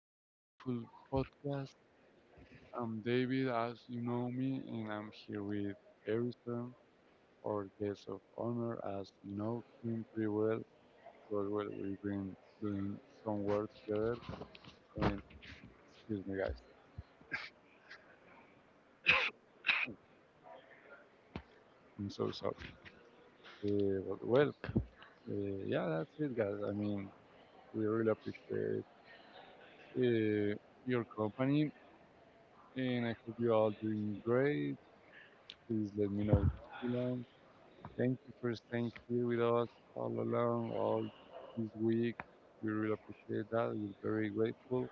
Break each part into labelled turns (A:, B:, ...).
A: our beautiful podcast. I'm David, as you know me, and I'm here with Harrison, our guest of honor, as you know him pretty well, because well, we've been doing some work together. And excuse me, guys, I'm so sorry. But well, yeah, that's it, guys. I mean, we really appreciate uh, your company, and I hope you're all doing great. Please let me know what you learn. Thank you for staying here with us all along, all this week. We really appreciate that. We're very grateful.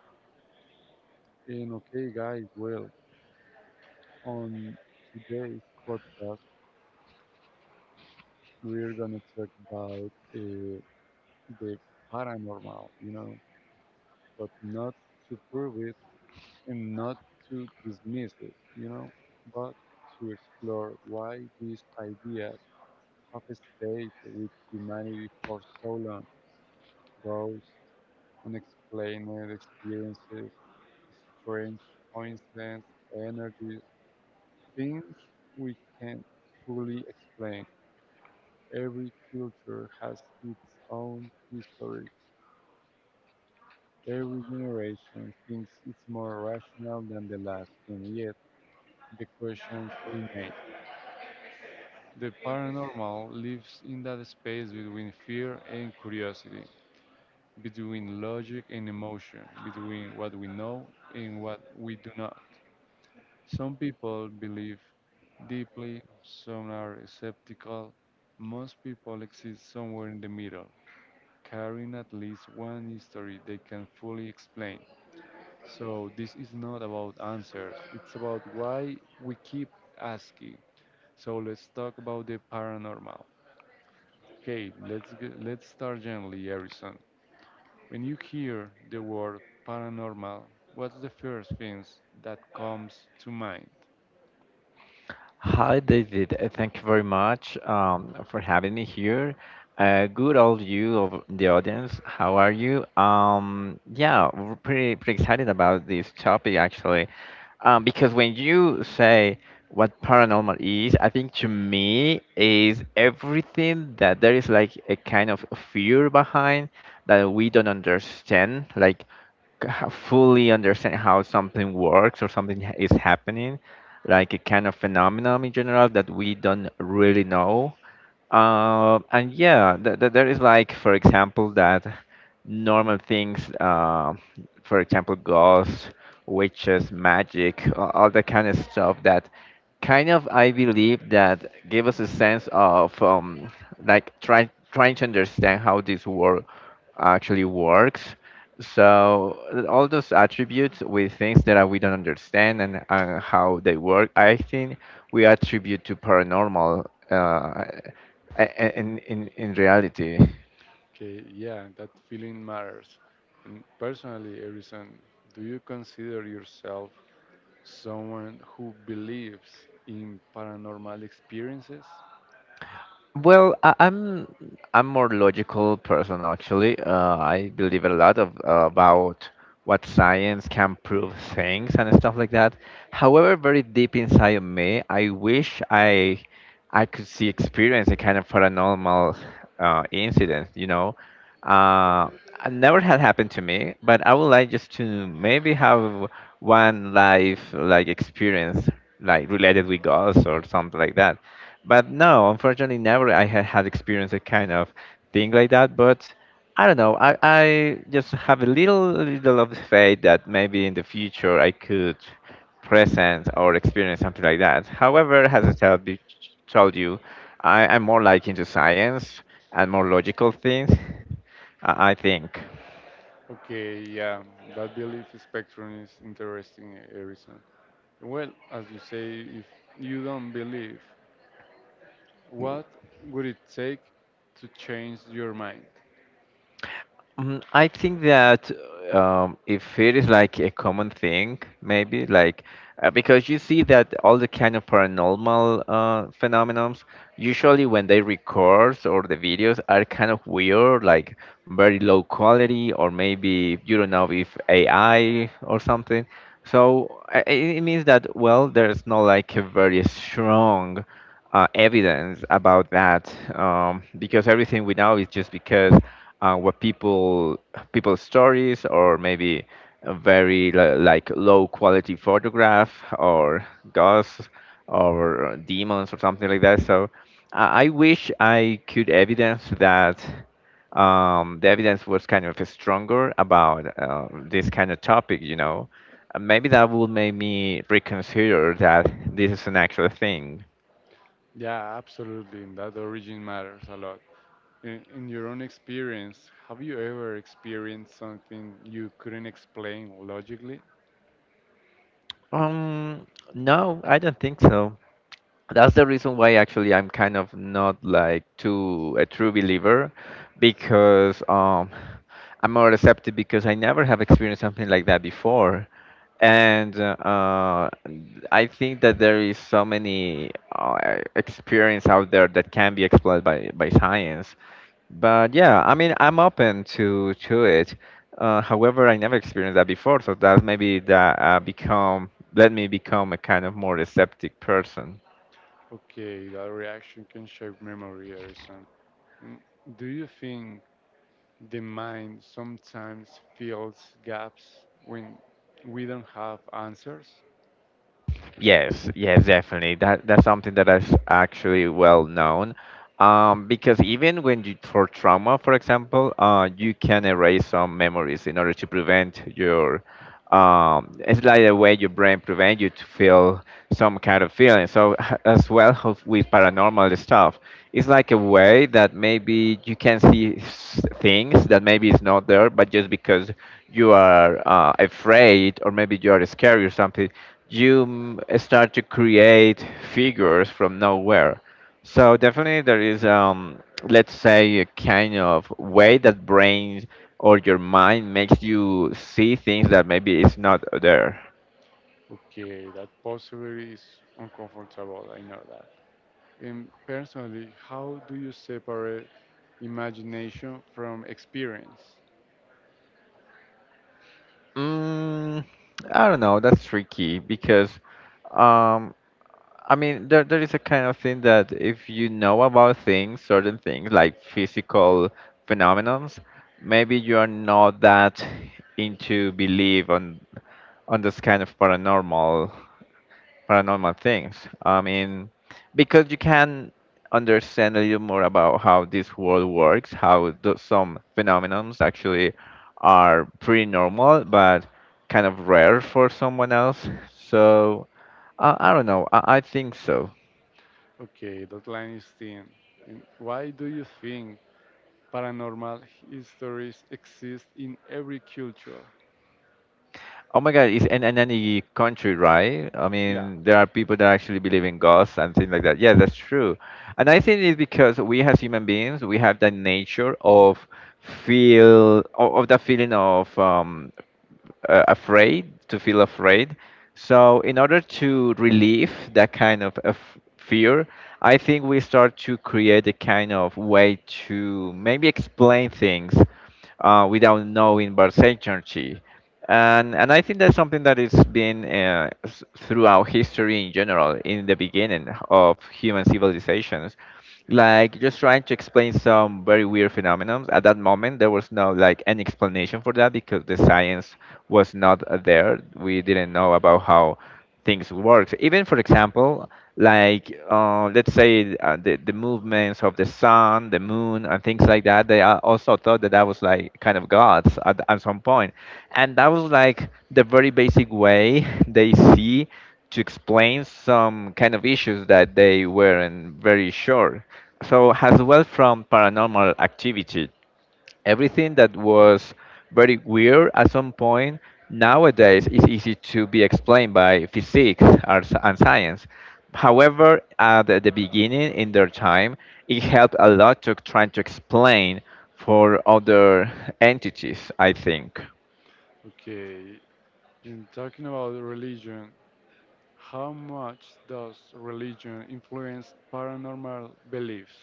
A: And okay, guys, well, on today's podcast, we're going to talk about the paranormal, you know, but not to prove it and not to dismiss it, you know, but to explore why these ideas have stayed with humanity for so long. Ghosts, unexplained experiences, strange coincidences, energies, things we can't fully explain. Every culture has its own history. Every generation thinks it's more rational than the last, and yet the questions remain. The paranormal lives in that space between fear and curiosity, between logic and emotion, between what we know and what we do not. Some people believe deeply, some are skeptical. Most people exist somewhere in the middle, carrying at least one history they can fully explain. So this is not about answers, it's about why we keep asking. So, let's talk about the paranormal. Okay, let's start gently, Harrison. When you hear the word paranormal, what's the first things that comes to mind?
B: Hi, David. Thank you very much for having me here. Good old you of the audience. How are you? Yeah, we're pretty excited about this topic actually, because when you say what paranormal is, I think to me is everything that there is like a kind of fear behind that we don't understand, like fully understand how something works or is happening like a kind of phenomenon in general that we don't really know and yeah, th th there is like, for example, that normal things, for example, ghosts, witches, magic, all that kind of stuff that kind of I believe that give us a sense of like trying to understand how this world actually works. So all those attributes with things that we don't understand and how they work, I think we attribute to paranormal. In reality.
A: Okay, yeah, that feeling matters. And personally, Erison, do you consider yourself someone who believes in paranormal experiences?
B: Well, I'm more logical person actually. I believe a lot of about what science can prove things and stuff like that. However, very deep inside of me, I wish I could see experience a kind of paranormal incident. You know, uh, it never had happened to me, but I would like just to maybe have one life like experience like related with ghosts or something like that. But no, unfortunately, never I had had experienced a kind of thing like that. But I don't know. I just have a little of faith that maybe in the future I could present or experience something like that. However, as I told you, I'm more like into science and more logical things. I think.
A: Okay, yeah, that belief spectrum is interesting, Erison. Well, as you say, if you don't believe, what would it take to change your mind?
B: Mm, I think that if it is like a common thing, maybe like because you see that all the kind of paranormal phenomenons, usually when they record or the videos are kind of weird, like very low quality, or maybe you don't know if AI or something. So it means that well, there's not like a very strong evidence about that because everything we know is just because what people people's stories or maybe a very like low quality photograph or ghosts or demons or something like that. So I wish I could evidence that the evidence was kind of stronger about this kind of topic, you know. Maybe that would make me reconsider that this is an actual thing.
A: Yeah, absolutely, that origin matters a lot. In your own experience, have you ever experienced something you couldn't explain logically?
B: Um, no, I don't think so. That's the reason why actually I'm kind of not like too a true believer because I'm more receptive because I never have experienced something like that before. And I think that there is so many experience out there that can be explored by science. But yeah, I mean, I'm open to it. However, I never experienced that before, so that maybe that become let me become a kind of more receptive person.
A: Okay, that reaction can shape memory, Harrison. Mm, do you think the mind sometimes fills gaps when we don't have answers?
B: Yes, yes, definitely. That's something that is actually well known, because even when you for trauma, for example, you can erase some memories in order to prevent your, it's like a way your brain prevent you to feel some kind of feeling. So as well with paranormal stuff, it's like a way that maybe you can see things that maybe is not there, but just because you are afraid or maybe you are scared or something you start to create figures from nowhere. So definitely there is, let's say, a kind of way that brains or your mind makes you see things that maybe is not there.
A: Okay, that possibly is uncomfortable, I know that. And personally, how do you separate imagination from experience?
B: Mm, I don't know. That's tricky because, um, I mean, there is a kind of thing that if you know about things, certain things like physical phenomenons, maybe you are not that into believe on this kind of paranormal things. I mean, because you can understand a little more about how this world works, how some phenomenons actually are pretty normal but kind of rare for someone else. So I don't know. I think so.
A: Okay, that line is thin. And why do you think paranormal histories exist in every culture?
B: Oh my God, it's in any country, right? I
A: Yeah,
B: mean, there are people that actually believe in ghosts and things like that. Yeah, that's true. And I think it's because we as human beings, we have that nature of feel of that feeling of afraid, to feel afraid. So, in order to relieve that kind of af fear, I think we start to create a kind of way to maybe explain things without knowing but certainty. And I think that's something that is been throughout history in general, in the beginning of human civilizations, like just trying to explain some very weird phenomena. At that moment, there was no like any explanation for that because the science was not there. We didn't know about how things works. Even for example, like let's say uh, the movements of the sun, the moon, and things like that. They also thought that that was like kind of gods at some point, and that was like the very basic way they see to explain some kind of issues that they weren't very sure. So as well from paranormal activity everything that was very weird at some point nowadays is easy to be explained by physics or and science. However, at the beginning in their time, it helped a lot to trying to explain for other entities. I think.
A: okay. And talking about the religion, how much does religion influence paranormal beliefs?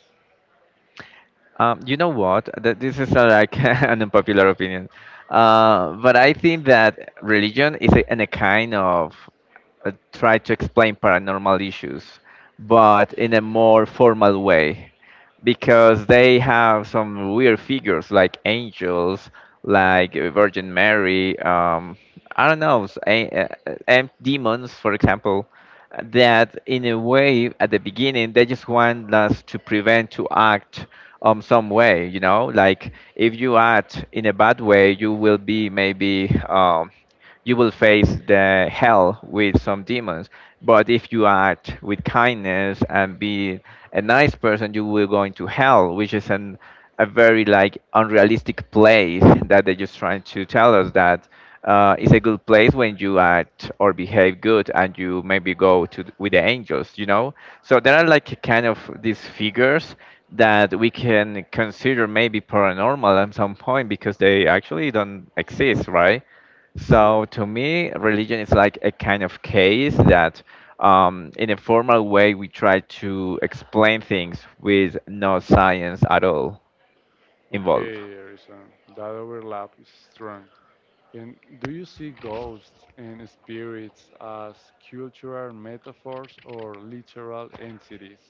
B: You know what? This is like an unpopular opinion, but I think that religion is a kind of try to explain paranormal issues, but in a more formal way, because they have some weird figures like angels, like Virgin Mary. I don't know, and demons, for example. That in a way, at the beginning, they just want us to prevent to act some way. You know, like if you act in a bad way, you will be maybe um you will face the hell with some demons. But if you act with kindness and be a nice person, you will go into hell, which is an a very like unrealistic place that they're just trying to tell us that it's a good place when you act or behave good and you maybe go to with the angels, you know, so there are like kind of these figures that we can consider maybe paranormal at some point because they actually don't exist, right?
A: Yeah,
B: So to me, religion is like a kind of case that, in a formal way, we try to explain things with no science at all involved.
A: okay, Harrison. That overlap is strong. And do you see ghosts and spirits as cultural metaphors or literal entities?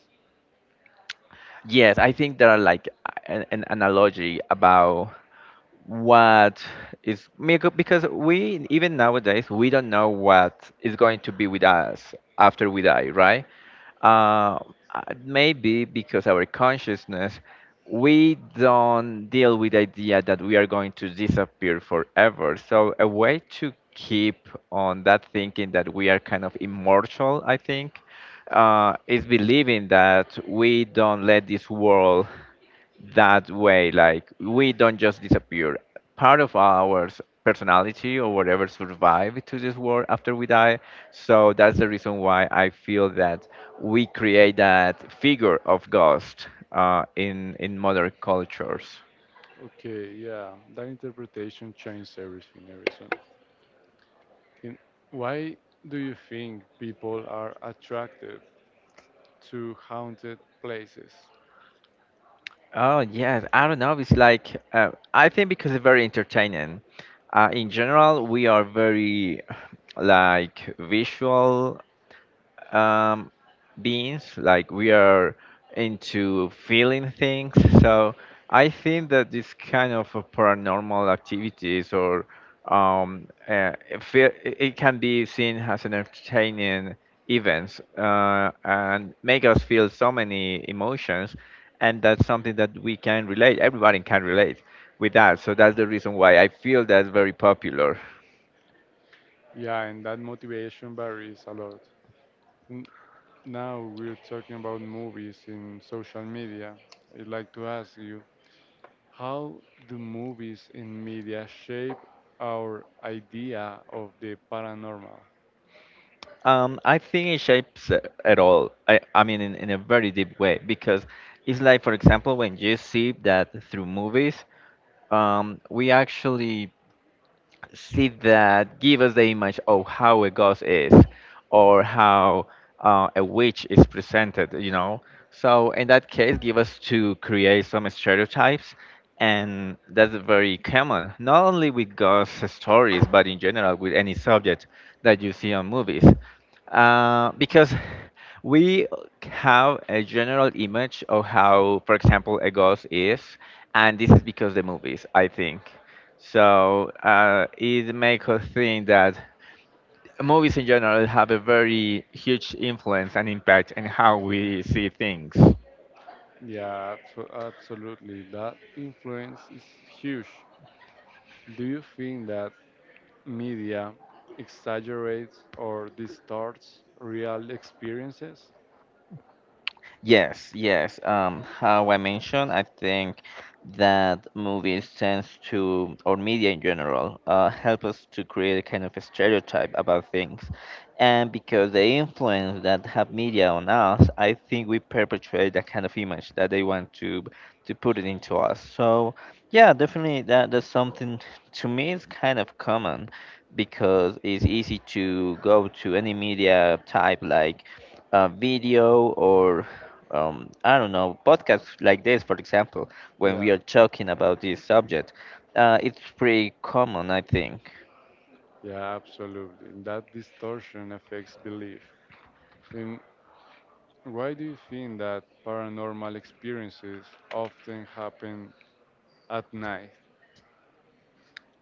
B: Yes, I think there are like an analogy about what is because we even nowadays we don't know what is going to be with us after we die, right? Uh, Maybe because our consciousness, we don't deal with the idea that we are going to disappear forever. So a way to keep on that thinking that we are kind of immortal, I think, is believing that we don't let this world that way, like we don't just disappear, part of our personality or whatever survive to this world after we die. So that's the reason why I feel that we create that figure of ghost in modern cultures.
A: Okay, yeah, that interpretation changed everything, everything. In, why do you think people are attracted to haunted places?
B: Oh yes, I don't know, it's like I think because it's very entertaining. Uh, in general we are very like visual um, beings. Like we are into feeling things. So I think that this kind of a paranormal activities or it, feel, it can be seen as an entertaining events and make us feel so many emotions, and that's something that we can relate, everybody can relate with that. So that's the reason why I feel that's very popular.
A: Yeah, and that motivation varies a lot. N- Now we're talking about movies in social media. I'd like to ask you, how do movies in media shape our idea of the paranormal?
B: I think it shapes it at all. I mean, in a very deep way, because it's like, for example, when you see that through movies, we actually see that give us the image of how a ghost is or how a witch is presented, you know, so in that case give us to create some stereotypes, and that's very common not only with ghost stories but in general with any subject that you see on movies, because we have a general image of how for example a ghost is, and this is because the movies I think. So it makes us think that movies in general have a very huge influence and impact on how we see things.
A: Yeah, absolutely. That influence is huge. Do you think that media exaggerates or distorts real experiences?
B: Yes, yes. How I mentioned, I think that movies tends to, or media in general, help us to create a kind of a stereotype about things. And because the influence that have media on us, I think we perpetuate that kind of image that they want to put it into us. So yeah, definitely that's something to me is kind of common because it's easy to go to any media type like a video or I don't know, podcasts like this, for example, when we
A: Yeah,
B: are talking about this subject, it's pretty common, I think.
A: yeah, absolutely. That distortion affects belief. And why do you think that paranormal experiences often happen at night?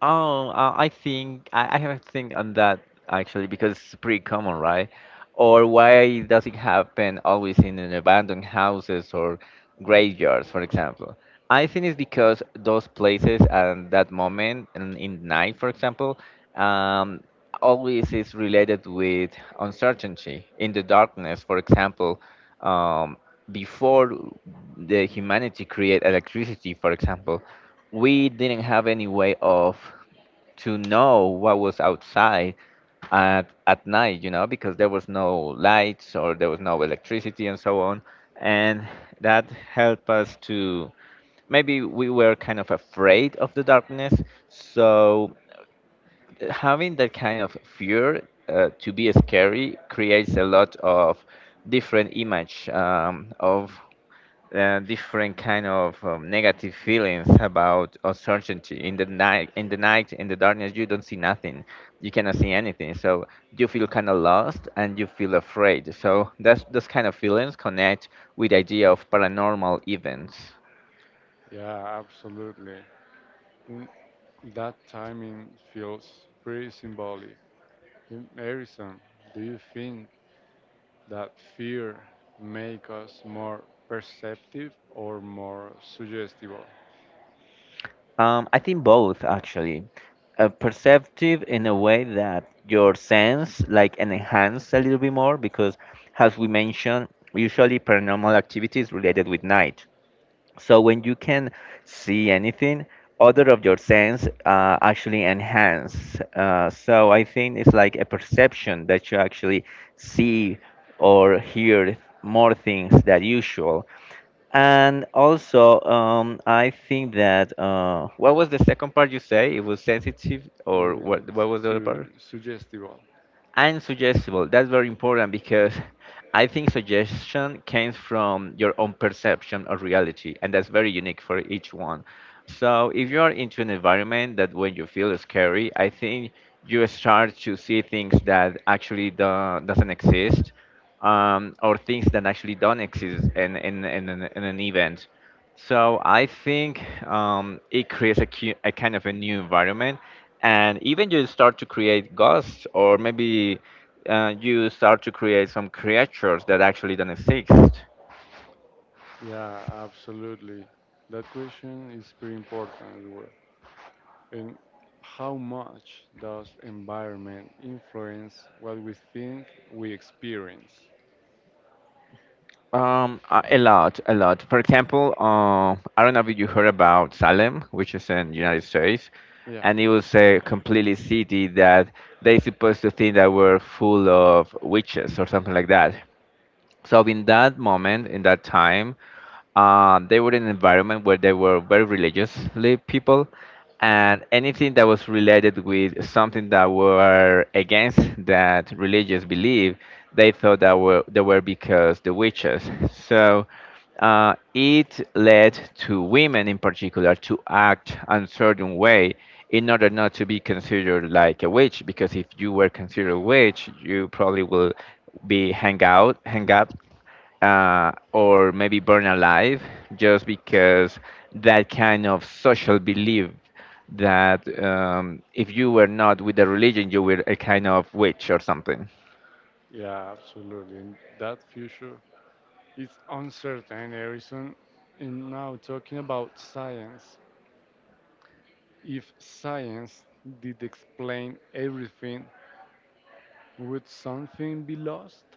B: Oh, I think I have a think on that actually because it's pretty common, right? Or why does it happen always in an abandoned houses or graveyards, for example? I think it's because those places at that moment and in night, for example, um, always is related with uncertainty in the darkness. For example, um, before the humanity create electricity, for example, we didn't have any way of to know what was outside at night, you know, because there was no lights or there was no electricity and so on. And that helped us to maybe we were kind of afraid of the darkness. So having that kind of fear to be scary creates a lot of different image of different kind of negative feelings about uncertainty in the night in the darkness you don't see nothing, you cannot see anything, so you feel kind of lost and you feel afraid, so that's those kind of feelings connect with the idea of paranormal events.
A: Yeah, absolutely. And that timing feels pretty symbolic. And Harrison, do you think that fear make us more perceptive or more suggestible.
B: I think both actually. Perceptive in a way that your sense like enhance a little bit more because as we mentioned, usually paranormal activity is related with night. So when you can see anything, other of your sense actually enhance. So I think it's like a perception that you actually see or hear more things than usual. And also, I think that what was the second part you say? It was sensitive, or
A: Uh,
B: what? What was the other part?
A: Suggestible.
B: And suggestible, that's very important because I think suggestion comes from your own perception of reality, and that's very unique for each one. So if you are into an environment that when you feel scary, I think you start to see things that actually doesn't exist, or things that actually don't exist in an event. So I think it creates a, a kind of a new environment, and even you start to create ghosts, or maybe you start to create some creatures that actually don't exist.
A: Yeah, absolutely. That question is pretty important as well. And how much does environment influence what we think we experience?
B: A lot, a lot. For example, I don't know if you heard about Salem, which is in United States,
A: Yeah,
B: and it was a completely city that they supposed to think that were full of witches or something like that. So in that moment, in that time, they were in an environment where they were very religiously people, and anything that was related with something that were against that religious belief, they thought that were they were because the witches. So it led to women in particular to act a certain way in order not to be considered like a witch, because if you were considered a witch you probably will be hang up, or maybe burn alive, just because that kind of social belief that if you were not with the religion, you were a kind of witch or something.
A: yeah, absolutely. And that future is uncertain, Harrison. And now talking about science, if science did explain everything, would something be lost?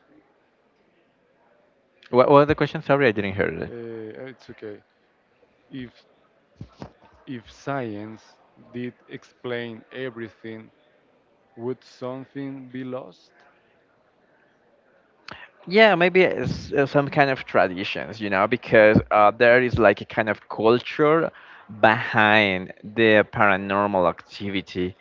B: What was the question? Sorry, I didn't hear.
A: It's okay. If if science did explain everything, would something be lost?
B: Yeah, maybe it's, some kind of traditions, you know, because there is like a kind of culture behind the paranormal activity.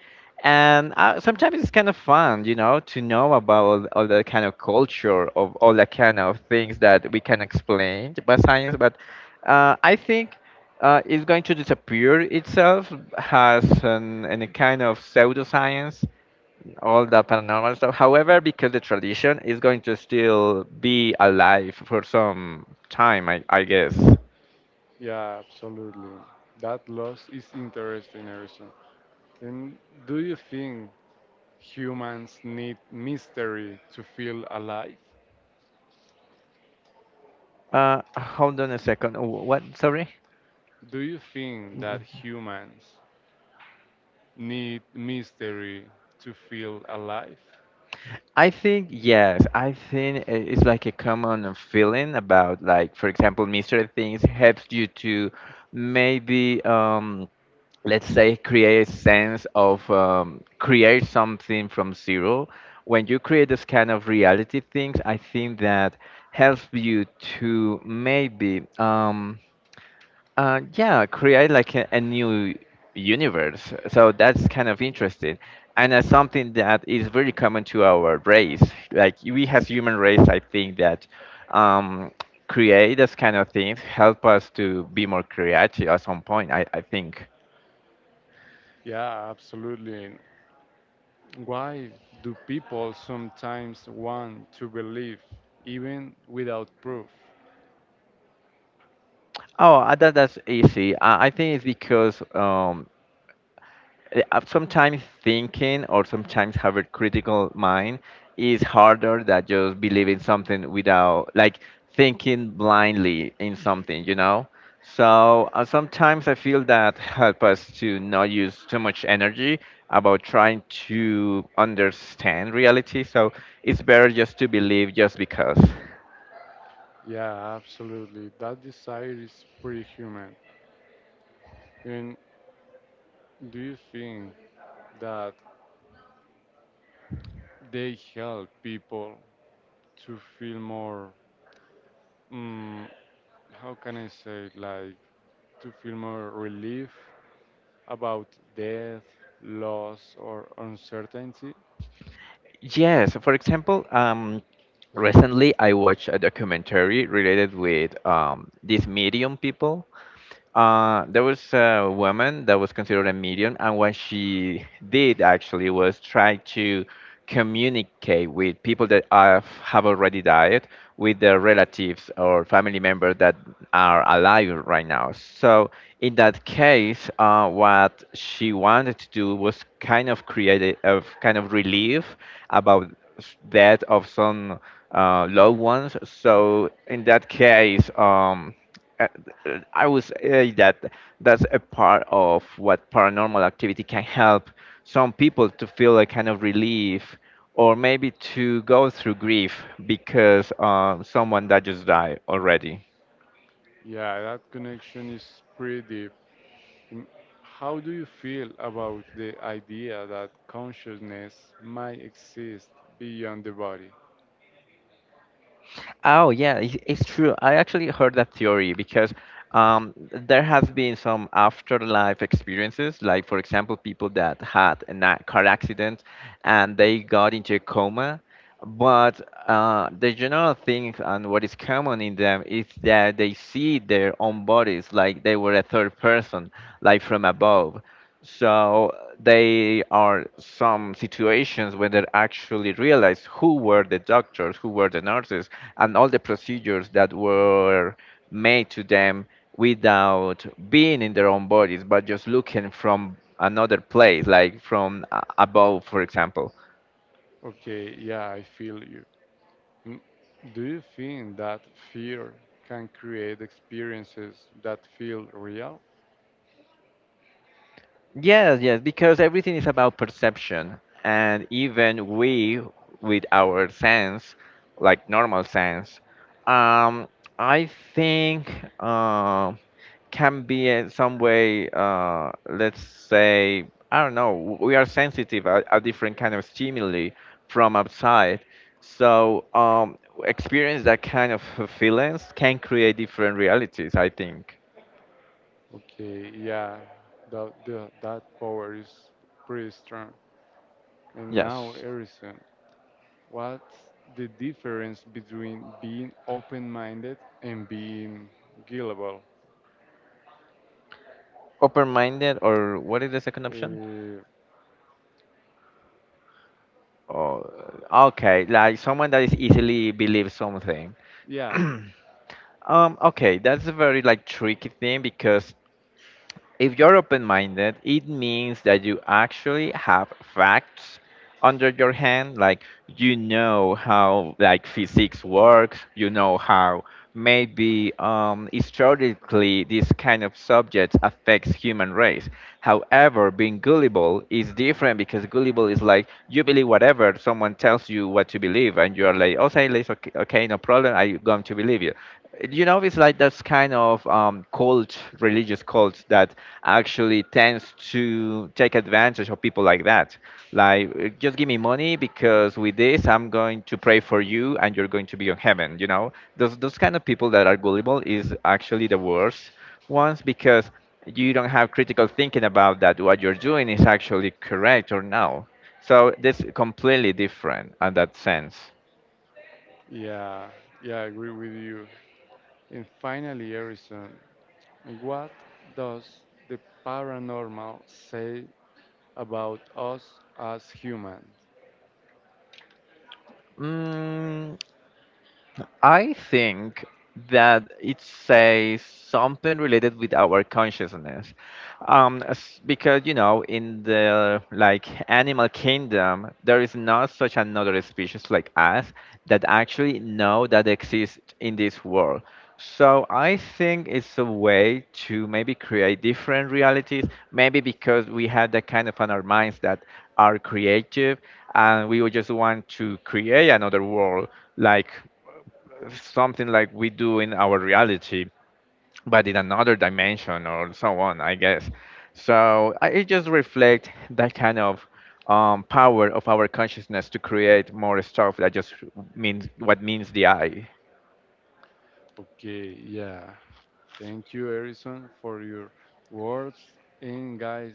B: And sometimes it's kind of fun, you know, to know about all the kind of culture of all the kind of things that we can explain by science. But I think it's going to disappear itself as an, in a kind of pseudoscience all the paranormal stuff. However, because the tradition is going to still be alive for some time, I guess.
A: Yeah, absolutely. That loss is interesting, Erison. And do you think humans need mystery to feel alive?
B: Hold on a second. What? Sorry?
A: Do you think that humans need mystery to feel alive?
B: I think yes. I think it's like a common feeling about like, for example, mystery things helps you to maybe let's say create a sense of create something from zero. When you create this kind of reality things, I think that helps you to maybe yeah, create like a new universe, so that's kind of interesting, and as something that is very common to our race, like we as human race, I think that um, create this kind of things help us to be more creative at some point, I think.
A: Yeah, absolutely. Why do people sometimes want to believe even without proof?
B: Oh, that's easy. I think it's because sometimes thinking or sometimes have a critical mind is harder than just believing something without like thinking blindly in something, you know. So sometimes I feel that help us to not use too much energy about trying to understand reality. So it's better just to believe just because.
A: Yeah, absolutely. That desire is pretty human. And do you think that they help people to feel more, mm, how can I say, it, like to feel more relief about death, loss, or uncertainty?
B: Yes, for example, recently I watched a documentary related with these medium people. There was a woman that was considered a medium, and what she did actually was try to communicate with people that have already died, with their relatives or family members that are alive right now. So, in that case, what she wanted to do was kind of create a, of kind of relief about death of some loved ones. So, in that case, uh, I would say that that's a part of what paranormal activity can help some people to feel a kind of relief or maybe to go through grief because someone that just died already.
A: Yeah, that connection is pretty deep. And how do you feel about the idea that consciousness might exist beyond the body?
B: Oh yeah, it's true. I actually heard that theory because there has been some afterlife experiences, like for example, people that had a car accident and they got into a coma. But the general thing and what is common in them is that they see their own bodies like they were a third person, like from above. So they are some situations when they actually realize who were the doctors, who were the nurses, and all the procedures that were made to them without being in their own bodies, but just looking from another place, like from above, for example.
A: Okay, yeah, I feel you. And do you think that fear can create experiences that feel real?
B: Yes, yes, because everything is about perception. And even we, with our sense, like normal sense, um, I think uh, can be in some way, let's say, I don't know, we are sensitive a different kind of stimuli from outside. So experience that kind of feelings can create different realities, I think.
A: Okay, yeah, that power is pretty strong. And now,
B: Yes.
A: Harrison, what's the difference between being open minded and being gullible?
B: Open-minded, or what is the second option?
A: Uh,
B: Oh, okay. Like someone that is easily believes something.
A: yeah,
B: Okay, that's a very like tricky thing because if you're open minded, it means that you actually have facts under your hand, like you know how like physics works, you know how maybe historically this kind of subject affects human race. However, being gullible is different because gullible is like you believe whatever someone tells you what to believe, and you're like, oh, say, okay, okay, no problem, I'm going to believe you. You know, it's like that's kind of cult, religious cult that actually tends to take advantage of people like that, like just give me money because with this I'm going to pray for you and you're going to be on heaven, you know. Those kind of people that are gullible is actually the worst ones because you don't have critical thinking about that what you're doing is actually correct or no. So this completely different at that sense.
A: yeah, yeah, I agree with you. And finally, Harrison, what does the paranormal say about us as humans?
B: mm, I think that it says something related with our consciousness. Because, you know, in the like animal kingdom, there is not such another species like us that actually know that exists in this world. So I think it's a way to maybe create different realities, maybe because we have that kind of on our minds that are creative and we would just want to create another world like something like we do in our reality, but in another dimension or so on, I guess. So I, it just reflect that kind of power of our consciousness to create more stuff that just means what means the eye.
A: Okay, yeah. Thank you, Harrison, for your words. And guys,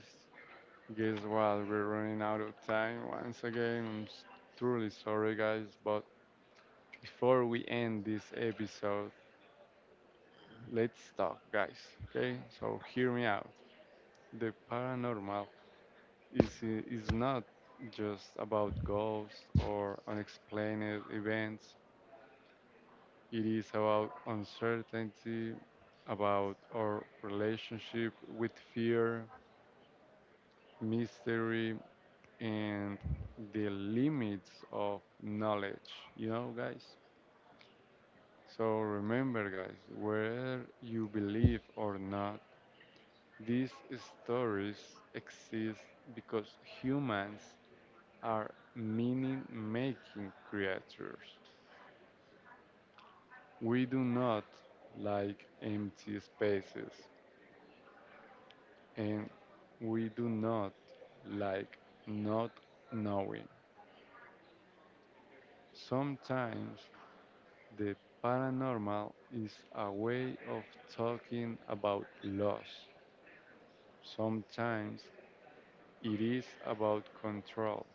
A: guess what? We're running out of time once again. Truly sorry, guys, but before we end this episode, let's talk, guys. Okay, so hear me out. The paranormal is not just about ghosts or unexplained events. It is about uncertainty, about our relationship with fear, mystery, and the limits of knowledge. You know, guys. So remember, guys, whether you believe or not, these stories exist because humans are meaning making creatures. We do not like empty spaces and we do not like not knowing. Sometimes the paranormal is a way of talking about loss. Sometimes it is about control.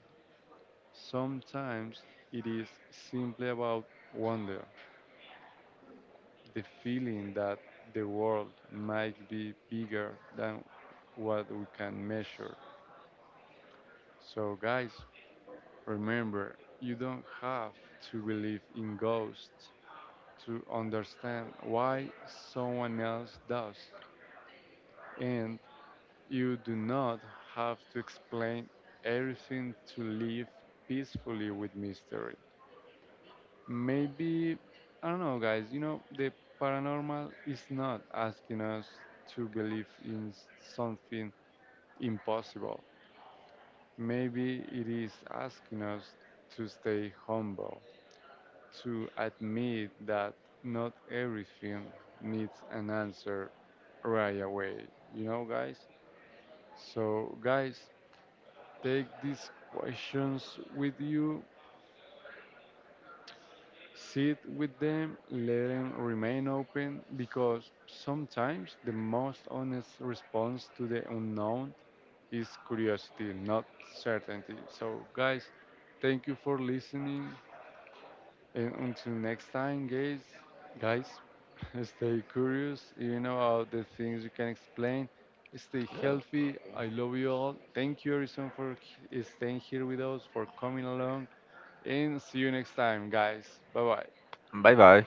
A: Sometimes it is simply about wonder, the feeling that the world might be bigger than what we can measure. So, guys, remember you don't have to believe in ghosts to understand why someone else does, and you do not have to explain everything to live peacefully with mystery. Maybe, I don't know, guys, you know, the paranormal is not asking us to believe in something impossible. Maybe it is asking us to stay humble, to admit that not everything needs an answer right away, you know, guys? So, guys, take these questions with you. Sit with them, let them remain open, because sometimes the most honest response to the unknown is curiosity, not certainty. So, guys, thank you for listening, and until next time, guys, guys, stay curious, even about the things you can explain. Stay healthy. I love you all. Thank you, Harrison, for staying here with us, for coming along, and see you next time, guys. Bye bye.
B: Bye bye.